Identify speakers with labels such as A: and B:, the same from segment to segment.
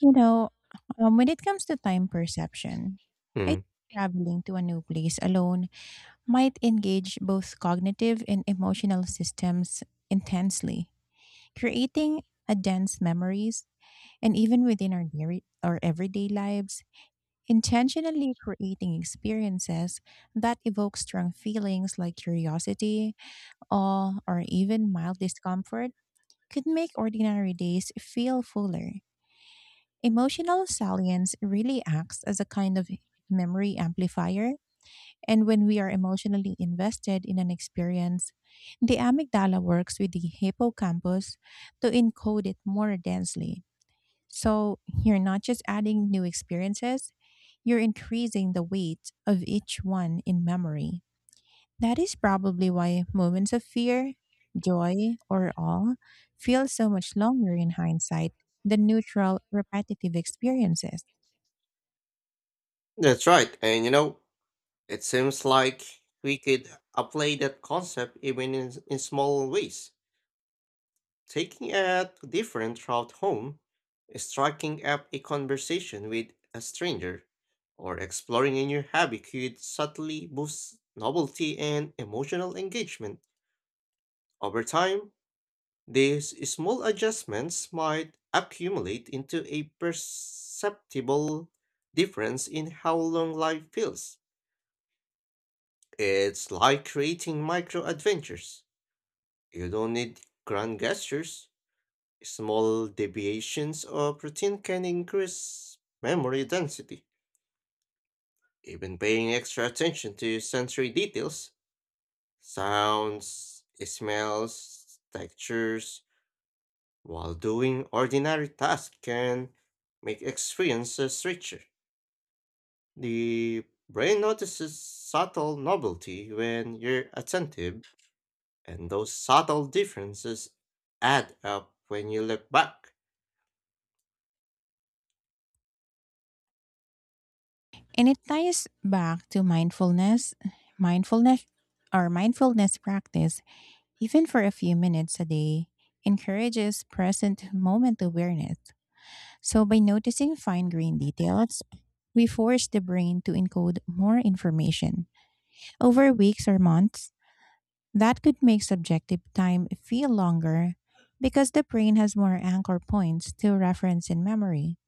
A: You know, when it comes to time perception, I
B: Mm,
A: think traveling to a new place alone might engage both cognitive and emotional systems intensely, creating a dense memories. And even within our everyday lives, intentionally creating experiences that evoke strong feelings like curiosity, awe, or even mild discomfort could make ordinary days feel fuller. Emotional salience really acts as a kind of memory amplifier, and when we are emotionally invested in an experience, the amygdala works with the hippocampus to encode it more densely. So you're not just adding new experiences, you're increasing the weight of each one in memory. That is probably why moments of fear, joy, or awe feel so much longer in hindsight than neutral, repetitive experiences.
B: that's right. And you know, it seems like we could apply that concept even in small ways. Taking a different route home, striking up a conversation with a stranger, or exploring a new hobby could subtly boost novelty and emotional engagement. Over time, these small adjustments might accumulate into a perceptible difference in how long life feels. It's like creating micro adventures. You don't need grand gestures. Small deviations or routine can increase memory density. Even paying extra attention to sensory details, sounds, smells, textures, while doing ordinary tasks can make experiences richer. The brain notices subtle novelty when you're attentive. And those subtle differences add up when you look back.
A: And it ties back to mindfulness mindfulness practice. Even for a few minutes a day, encourages present moment awareness. So by noticing fine grained details, we force the brain to encode more information. Over weeks or months, that could make subjective time feel longer because the brain has more anchor points to reference in memory.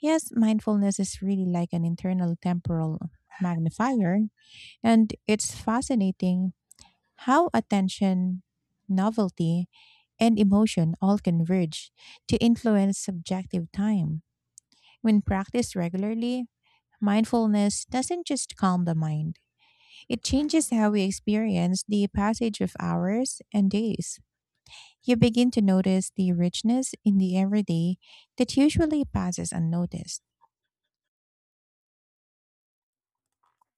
A: Yes, mindfulness is really like an internal temporal magnifier, and it's fascinating how attention, novelty, and emotion all converge to influence subjective time. When practiced regularly, mindfulness doesn't just calm the mind, it changes how we experience the passage of hours and days. You begin to notice the richness in the everyday that usually passes unnoticed.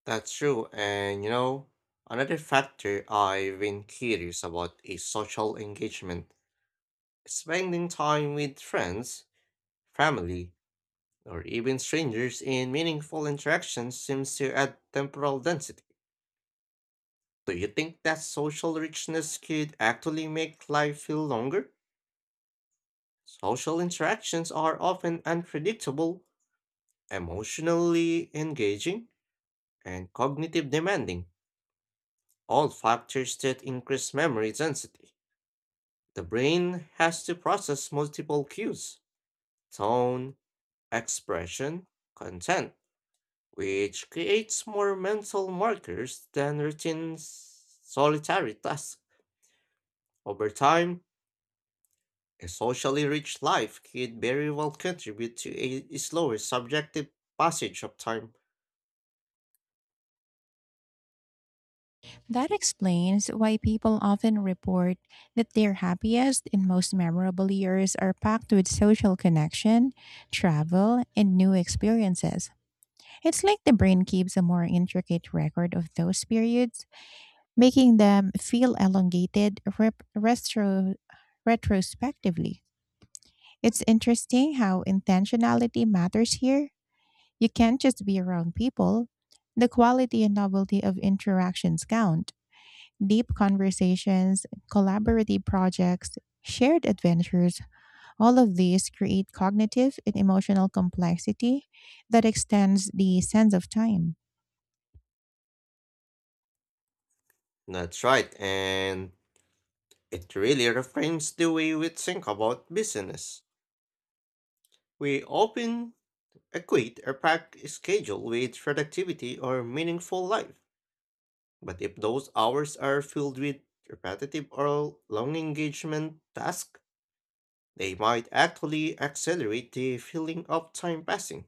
B: That's true. And you know, another factor I've been curious about is social engagement. Spending time with friends, family, or even strangers in meaningful interactions seems to add temporal density. Do you think that social richness could actually make life feel longer? Social interactions are often unpredictable, emotionally engaging, and cognitive demanding, all factors that increase memory density. The brain has to process multiple cues: tone, expression, content, which creates more mental markers than routine solitary tasks. Over time, a socially rich life could very well contribute to a slower subjective passage of time.
A: That explains why people often report that their happiest and most memorable years are packed with social connection, travel, and new experiences. It's like the brain keeps a more intricate record of those periods, making them feel elongated retrospectively. It's interesting how intentionality matters here. You can't just be around people. The quality and novelty of interactions count. Deep conversations, collaborative projects, shared adventures, all of these create cognitive and emotional complexity that extends the sense of time.
B: That's right, and it really reframes the way we think about business. We often equate a packed schedule with productivity or meaningful life, but if those hours are filled with repetitive or long engagement tasks, they might actually accelerate the feeling of time passing.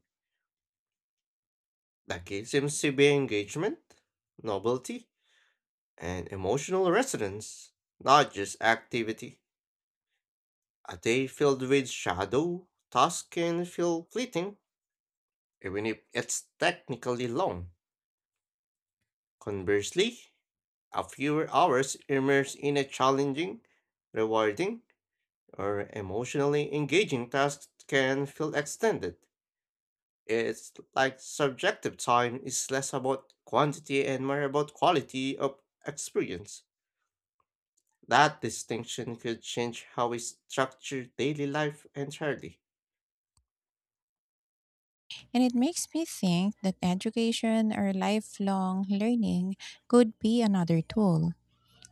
B: The key seems to be engagement, novelty, and emotional resonance, not just activity. A day filled with shadow tasks can feel fleeting, even if it's technically long. Conversely, a fewer hours immersed in a challenging, rewarding, or emotionally engaging tasks can feel extended. It's like subjective time is less about quantity and more about quality of experience. That distinction could change how we structure daily life entirely.
A: And it makes me think that education or lifelong learning could be another tool.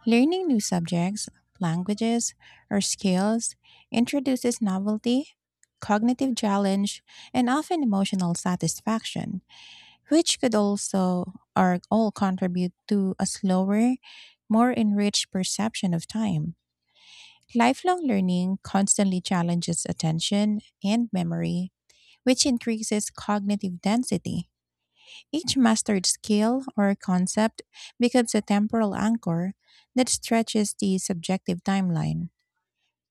A: Learning new subjects, languages, or skills introduces novelty, cognitive challenge, and often emotional satisfaction, which could also or all contribute to a slower, more enriched perception of time. Lifelong learning constantly challenges attention and memory, which increases cognitive density. Each mastered skill or concept becomes a temporal anchor that stretches the subjective timeline.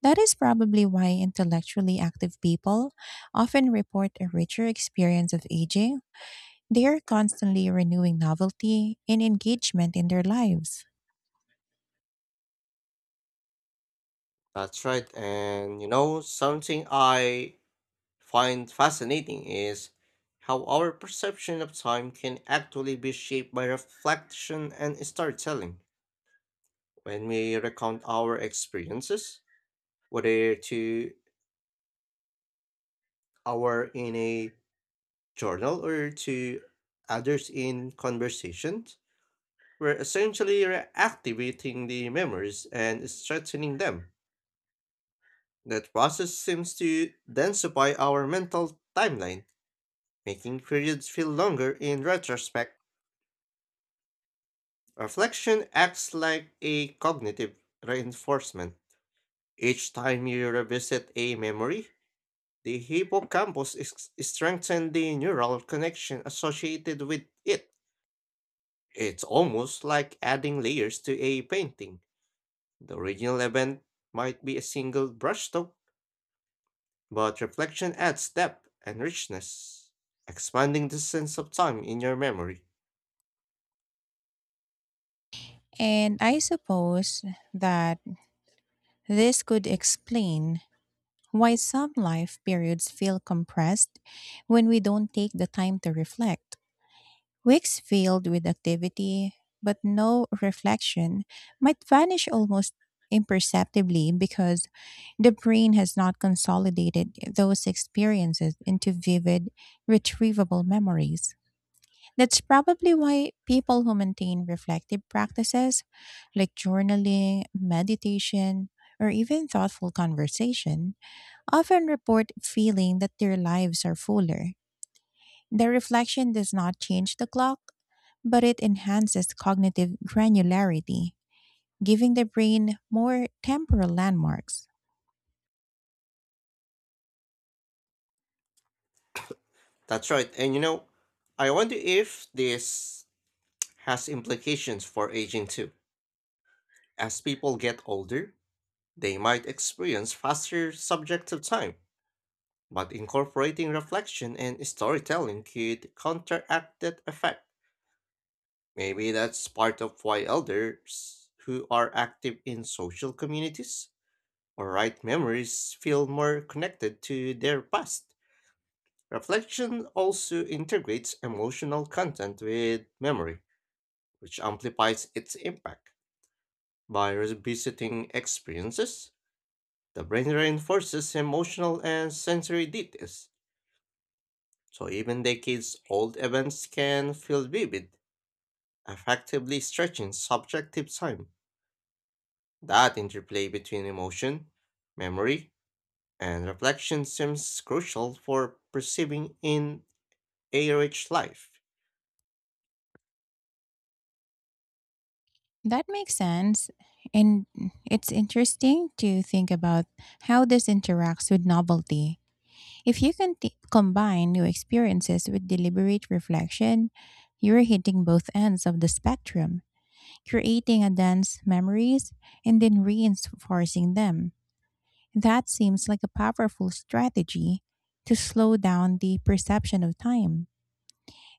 A: That is probably why intellectually active people often report a richer experience of aging. They are constantly renewing novelty and engagement in their lives.
B: That's right, and you know, something I find fascinating is how our perception of time can actually be shaped by reflection and storytelling. When we recount our experiences, whether to our in a journal or to others in conversations. We're essentially reactivating the memories and strengthening them. That process seems to densify our mental timeline, making periods feel longer in retrospect. Reflection acts like a cognitive reinforcement. Each time you revisit a memory, the hippocampus is strengthens the neural connection associated with it. It's almost like adding layers to a painting. The original event might be a single brushstroke, but reflection adds depth and richness, expanding the sense of time in your memory.
A: And I suppose that this could explain why some life periods feel compressed when we don't take the time to reflect. Weeks filled with activity, but no reflection, might vanish almost imperceptibly because the brain has not consolidated those experiences into vivid, retrievable memories. That's probably why people who maintain reflective practices like journaling, meditation, or even thoughtful conversation often report feeling that their lives are fuller. The reflection does not change the clock, but it enhances cognitive granularity, giving the brain more temporal landmarks.
B: That's right, and you know, I wonder if this has implications for aging too. As people get older, they might experience faster subjective time, but incorporating reflection and storytelling could counteract that effect. Maybe that's part of why elders who are active in social communities or write memories feel more connected to their past. Reflection also integrates emotional content with memory, which amplifies its impact. By revisiting experiences, the brain reinforces emotional and sensory details. So even decades old events can feel vivid, effectively stretching subjective time. That interplay between emotion, memory, and reflection seems crucial for perceiving in a rich life.
A: That makes sense. And it's interesting to think about how this interacts with novelty. If you can combine new experiences with deliberate reflection, you're hitting both ends of the spectrum, creating a dense memories and then reinforcing them. That seems like a powerful strategy to slow down the perception of time.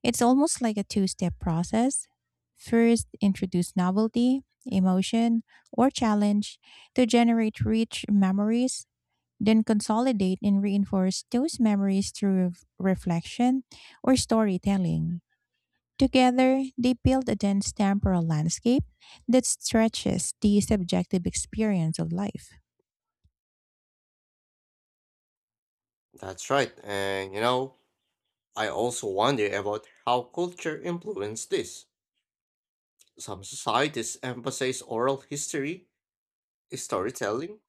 A: It's almost like a two step process. First, introduce novelty, emotion, or challenge to generate rich memories, then consolidate and reinforce those memories through reflection or storytelling. Together, they build a dense temporal landscape that stretches the subjective experience of life.
B: That's right, and you know, I also wonder about how culture influenced this. Some societies emphasize oral history, storytelling,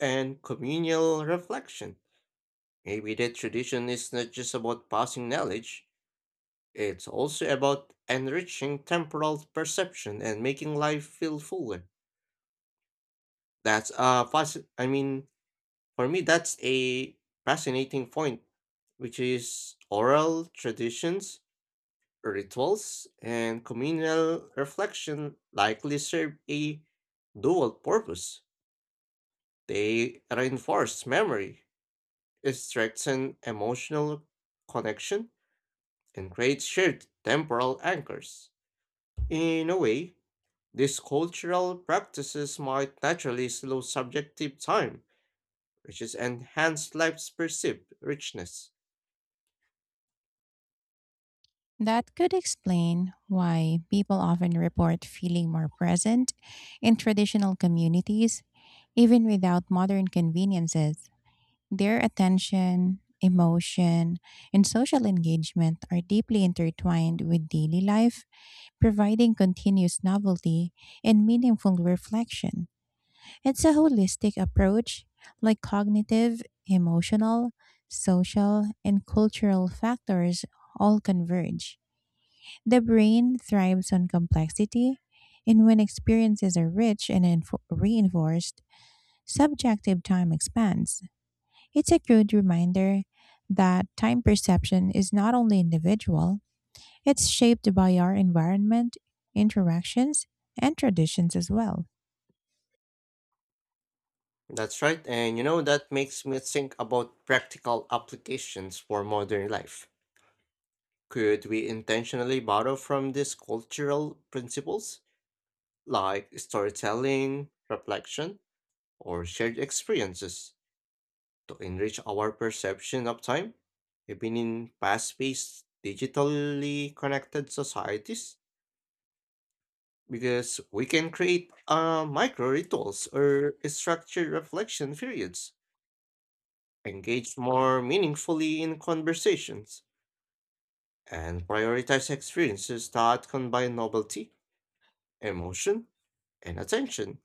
B: and communal reflection. Maybe that tradition is not just about passing knowledge, it's also about enriching temporal perception and making life feel fuller. I mean, for me, that's a fascinating point, which is oral traditions, rituals, and communal reflection likely serve a dual purpose. They reinforce memory, strengthen emotional connection, can create shared temporal anchors. In a way, these cultural practices might naturally slow subjective time, which is enhanced life's perceived richness.
A: That could explain why people often report feeling more present in traditional communities, even without modern conveniences. Their attention, emotion, and social engagement are deeply intertwined with daily life, providing continuous novelty and meaningful reflection. It's a holistic approach, like cognitive, emotional, social, and cultural factors all converge. The brain thrives on complexity, and when experiences are rich and reinforced, subjective time expands. It's a good reminder that time perception is not only individual, it's shaped by our environment, interactions, and traditions as well.
B: That's right, and you know that makes me think about practical applications for modern life. Could we intentionally borrow from these cultural principles, like storytelling, reflection, or shared experiences? To enrich our perception of time, even in fast paced, digitally connected societies, because we can create micro rituals or structured reflection periods, engage more meaningfully in conversations, and prioritize experiences that combine novelty, emotion, and attention,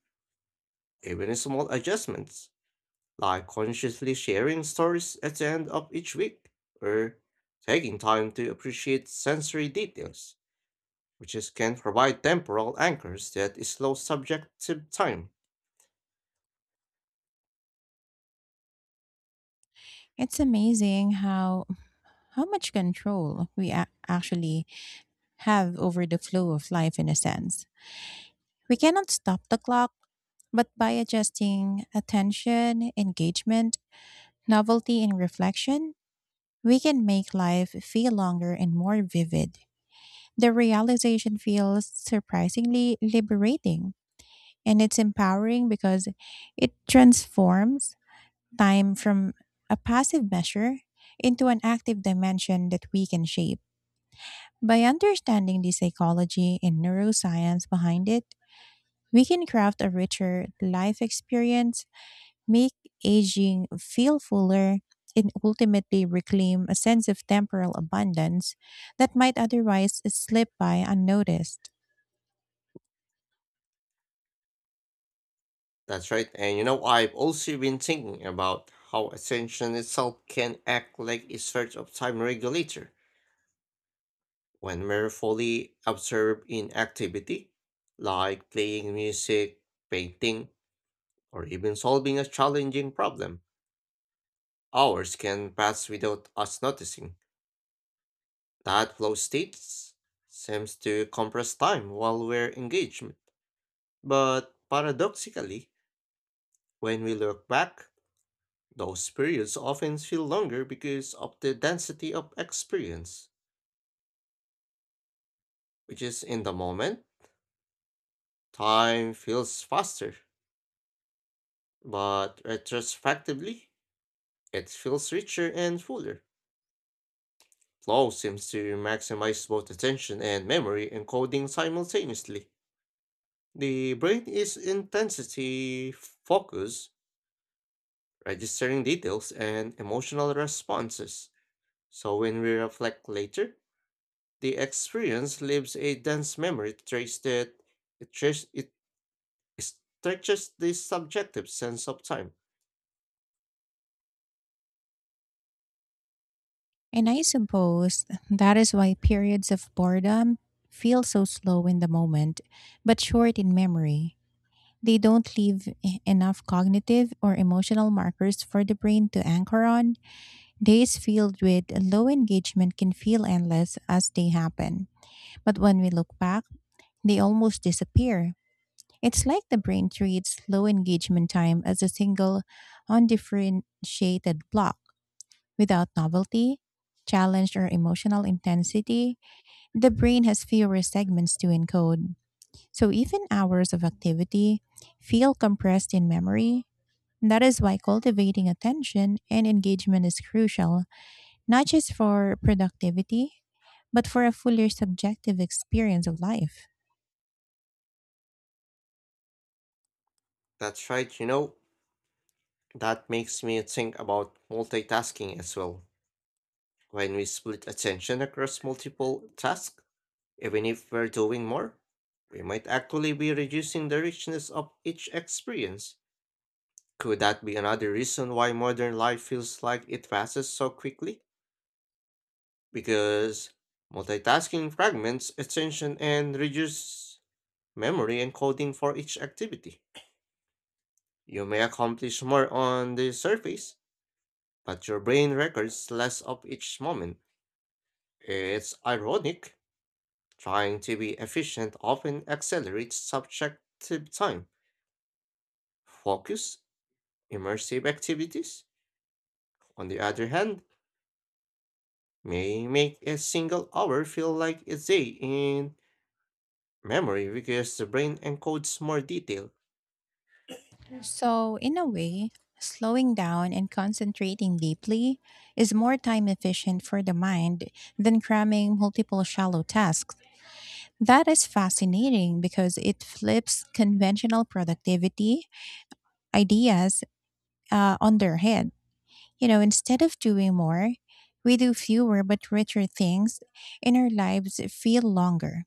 B: even small adjustments. Like consciously sharing stories at the end of each week, or taking time to appreciate sensory details, which is, can provide temporal anchors that slow subjective time.
A: It's amazing how much control we actually have over the flow of life in a sense. We cannot stop the clock, but by adjusting attention, engagement, novelty, and reflection, we can make life feel longer and more vivid. The realization feels surprisingly liberating, and it's empowering because it transforms time from a passive measure into an active dimension that we can shape. By understanding the psychology and neuroscience behind it, we can craft a richer life experience, make aging feel fuller, and ultimately reclaim a sense of temporal abundance that might otherwise slip by unnoticed.
B: That's right, and you know, I've also been thinking about how attention itself can act like a sort of time regulator. When we're fully absorbed in activity, like playing music, painting, or even solving a challenging problem, hours can pass without us noticing. That flow state seems to compress time while we're engaged. But paradoxically, when we look back, those periods often feel longer because of the density of experience, which is in the moment, time feels faster. But retrospectively, it feels richer and fuller. Flow seems to maximize both attention and memory encoding simultaneously. The brain is intensity focused, registering details and emotional responses. So when we reflect later, the experience leaves a dense memory trace that it stretches the subjective sense of time.
A: And I suppose that is why periods of boredom feel so slow in the moment, but short in memory. They don't leave enough cognitive or emotional markers for the brain to anchor on. Days filled with low engagement can feel endless as they happen. But when we look back, they almost disappear. It's like the brain treats low engagement time as a single, undifferentiated block. Without novelty, challenge, or emotional intensity, the brain has fewer segments to encode. So even hours of activity feel compressed in memory. That is why cultivating attention and engagement is crucial, not just for productivity, but for a fuller subjective experience of life.
B: That's right, you know, that makes me think about multitasking as well. When we split attention across multiple tasks, even if we're doing more, we might actually be reducing the richness of each experience. Could that be another reason why modern life feels like it passes so quickly? Because multitasking fragments attention and reduces memory and coding for each activity. You may accomplish more on the surface, but your brain records less of each moment. It's ironic. Trying to be efficient often accelerates subjective time. Focus, immersive activities, on the other hand, may make a single hour feel like a day in memory because the brain encodes more detail.
A: So, in a way, slowing down and concentrating deeply is more time efficient for the mind than cramming multiple shallow tasks. That is fascinating because it flips conventional productivity ideas on their head. You know, instead of doing more, we do fewer but richer things, and our lives feel longer.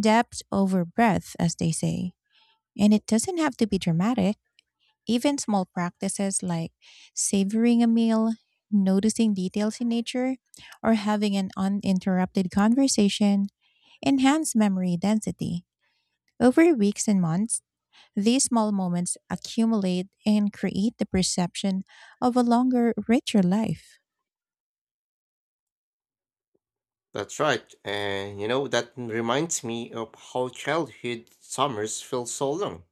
A: Depth over breadth, as they say. And it doesn't have to be dramatic. Even small practices like savoring a meal, noticing details in nature, or having an uninterrupted conversation enhance memory density. Over weeks and months, these small moments accumulate and create the perception of a longer, richer life.
B: That's right, and you know, that reminds me of how childhood summers felt so long.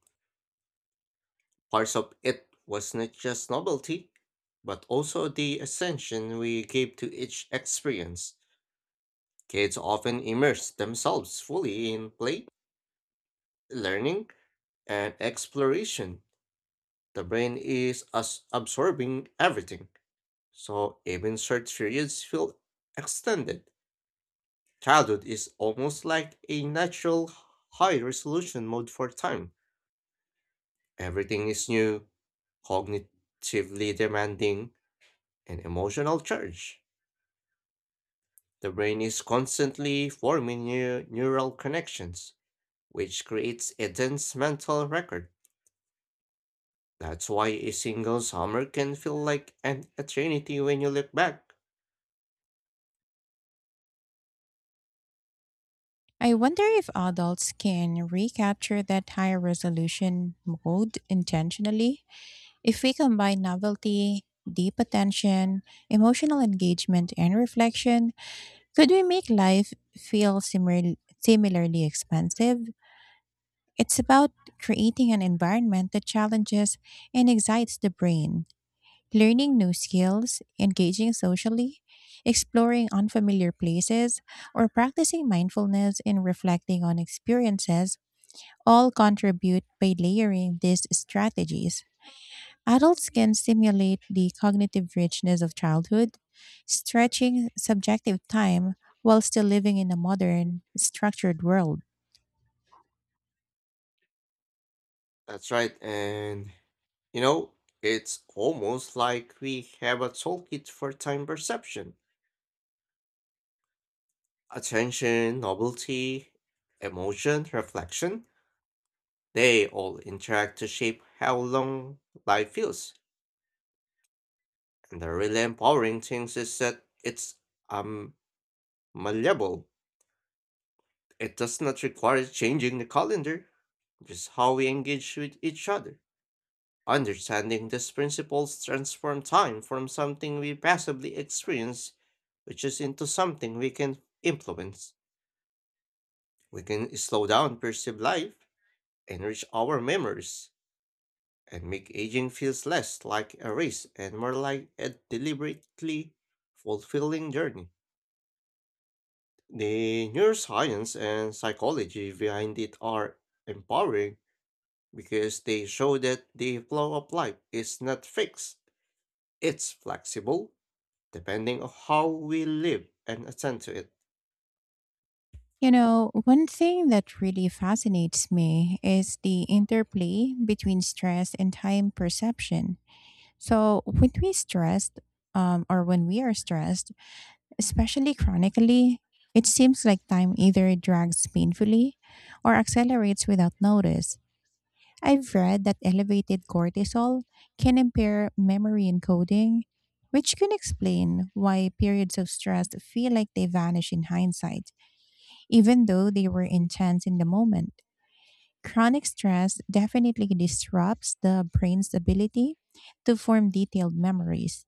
B: Parts of it was not just novelty, but also the attention we gave to each experience. Kids often immerse themselves fully in play, learning, and exploration. The brain is as absorbing everything, so even short periods feel extended. Childhood is almost like a natural high resolution mode for time. Everything is new, cognitively demanding, and emotional charge. The brain is constantly forming new neural connections, which creates a dense mental record. That's why a single summer can feel like an eternity when you look back.
A: I wonder if adults can recapture that higher resolution mode intentionally. If we combine novelty, deep attention, emotional engagement, and reflection, could we make life feel similarly expansive? It's about creating an environment that challenges and excites the brain. Learning new skills, engaging socially, exploring unfamiliar places, or practicing mindfulness and reflecting on experiences all contribute. By layering these strategies, adults can stimulate the cognitive richness of childhood, stretching subjective time while still living in a modern, structured world.
B: That's right, and you know, it's almost like we have a toolkit for time perception. Attention, novelty, emotion, reflection, they all interact to shape how long life feels. And the really empowering thing is that it's um malleable. It does not require changing the calendar, just how we engage with each other. Understanding these principles transform time from something we passively experience, which is into something we can influence. We can slow down perceived life, enrich our memories, and make aging feels less like a race and more like a deliberately fulfilling journey. The neuroscience and psychology behind it are empowering because they show that the flow of life is not fixed, it's flexible depending on how we live and attend to it.
A: You know, one thing that really fascinates me is the interplay between stress and time perception. So when we are stressed, especially chronically, it seems like time either drags painfully or accelerates without notice. I've read that elevated cortisol can impair memory encoding, which can explain why periods of stress feel like they vanish in hindsight, even though they were intense in the moment. Chronic stress definitely disrupts the brain's ability to form detailed memories.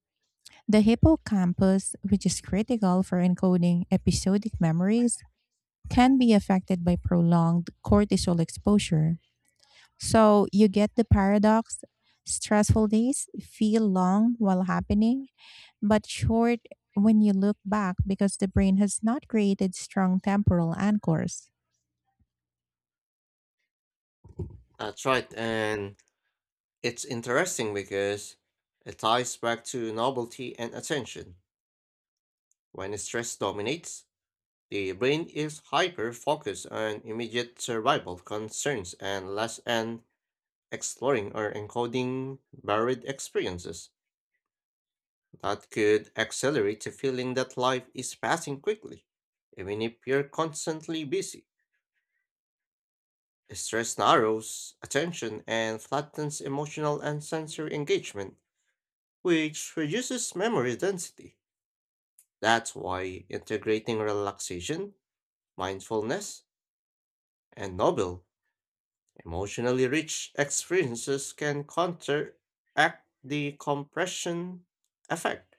A: The hippocampus, which is critical for encoding episodic memories, can be affected by prolonged cortisol exposure. So you get the paradox: stressful days feel long while happening, but short when you look back because the brain has not created strong temporal anchors.
B: That's right, and it's interesting because it ties back to novelty and attention. When stress dominates, the brain is hyper focused on immediate survival concerns and less on exploring or encoding varied experiences. That could accelerate the feeling that life is passing quickly, even if you're constantly busy. Stress narrows attention and flattens emotional and sensory engagement, which reduces memory density. That's why integrating relaxation, mindfulness, and novel, emotionally rich experiences can counteract the compression effect.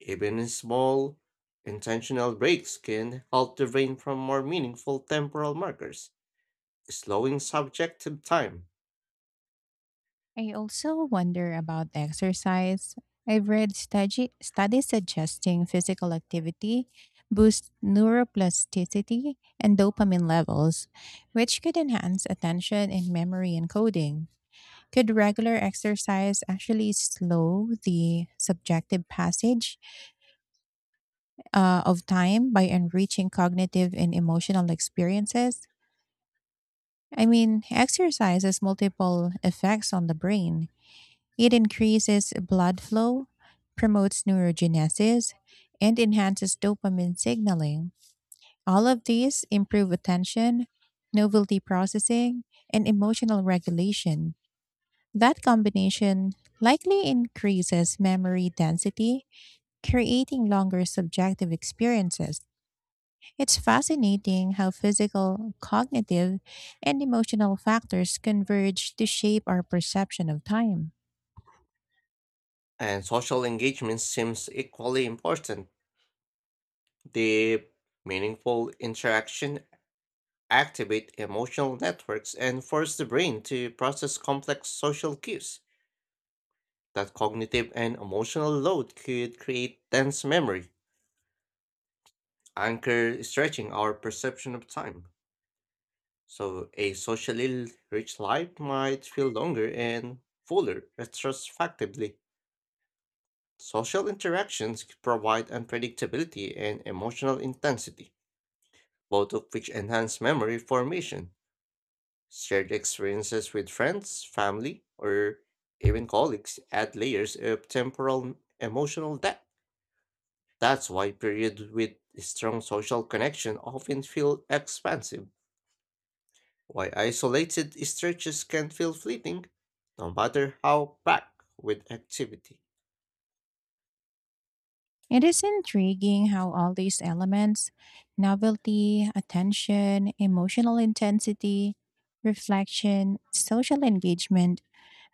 B: Even small, intentional breaks can help the brain from more meaningful temporal markers, slowing subjective time.
A: I also wonder about exercise. I've read studies suggesting physical activity boosts neuroplasticity and dopamine levels, which could enhance attention and memory encoding. Could regular exercise actually slow the subjective passage of time by enriching cognitive and emotional experiences? I mean, exercise has multiple effects on the brain. It increases blood flow, promotes neurogenesis, and enhances dopamine signaling. All of these improve attention, novelty processing, and emotional regulation. That combination likely increases memory density, creating longer subjective experiences. It's fascinating how physical, cognitive, and emotional factors converge to shape our perception of time.
B: And social engagement seems equally important. Deep, meaningful interaction activate emotional networks and force the brain to process complex social cues. That cognitive and emotional load could create dense memory, anchor stretching our perception of time. So a socially rich life might feel longer and fuller retrospectively. Social interactions provide unpredictability and emotional intensity. Both of which enhance memory formation. Shared experiences with friends, family, or even colleagues add layers of temporal and emotional depth. That's why periods with strong social connection often feel expansive. Why isolated stretches can feel fleeting, no matter how packed with activity.
A: It is intriguing how all these elements, novelty, attention, emotional intensity, reflection, social engagement,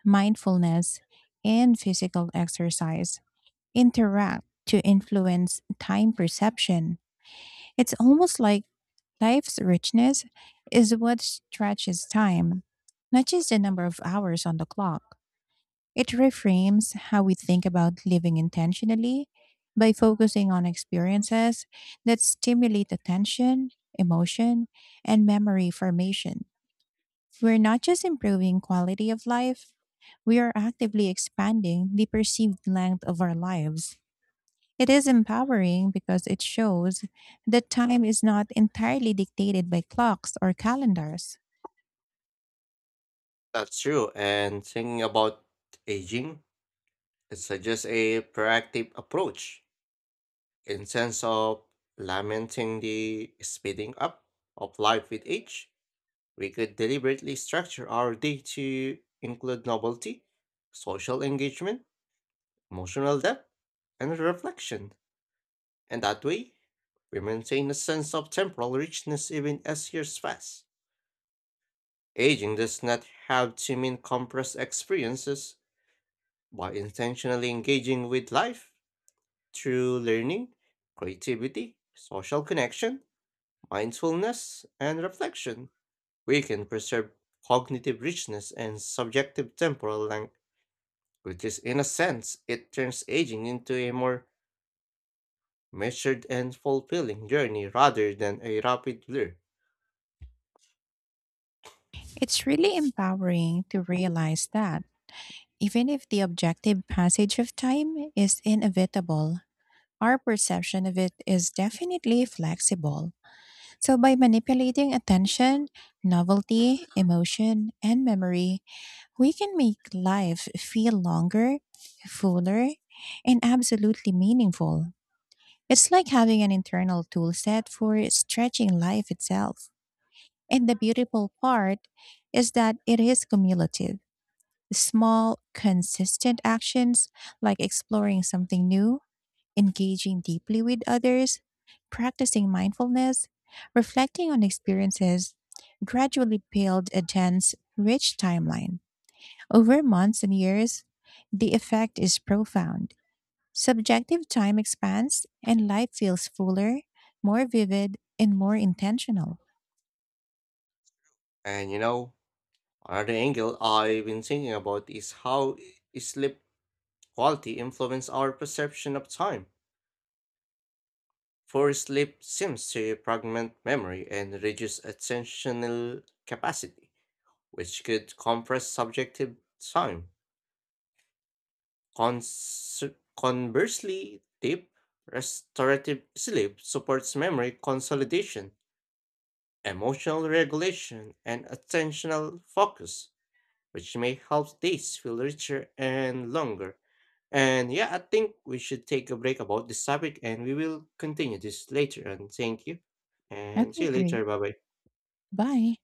A: mindfulness, and physical exercise interact to influence time perception. It's almost like life's richness is what stretches time, not just the number of hours on the clock. It reframes how we think about living intentionally by focusing on experiences that stimulate attention, emotion, and memory formation. We're not just improving quality of life, we are actively expanding the perceived length of our lives. It is empowering because it shows that time is not entirely dictated by clocks or calendars.
B: That's true, and thinking about aging, it suggests a proactive approach. In sense of lamenting the speeding up of life with age, we could deliberately structure our day to include novelty, social engagement, emotional depth, and reflection. And that way, we maintain a sense of temporal richness even as years pass. Aging does not have to mean compressed experiences by intentionally engaging with life through learning, creativity, social connection, mindfulness, and reflection, we can preserve cognitive richness and subjective temporal length, which is, in a sense, it turns aging into a more measured and fulfilling journey rather than a rapid blur.
A: It's really empowering to realize that. Even if the objective passage of time is inevitable, our perception of it is definitely flexible. So, by manipulating attention, novelty, emotion, and memory, we can make life feel longer, fuller, and absolutely meaningful. It's like having an internal tool set for stretching life itself. And the beautiful part is that it is cumulative. Small, consistent actions like exploring something new, engaging deeply with others, practicing mindfulness, reflecting on experiences gradually build a dense, rich timeline. Over months and years, the effect is profound. Subjective time expands and life feels fuller, more vivid, and more intentional.
B: And you know, another angle I've been thinking about is how sleep quality influence our perception of time. Poor sleep seems to fragment memory and reduce attentional capacity, which could compress subjective time. Cons- Conversely, deep, restorative sleep supports memory consolidation, emotional regulation, and attentional focus. Which may help days feel richer and longer. And yeah, I think we should take a break about this topic and we will continue this later. And thank you. And see
A: Okay,
B: you
A: great.
B: later. Bye bye.
A: Bye.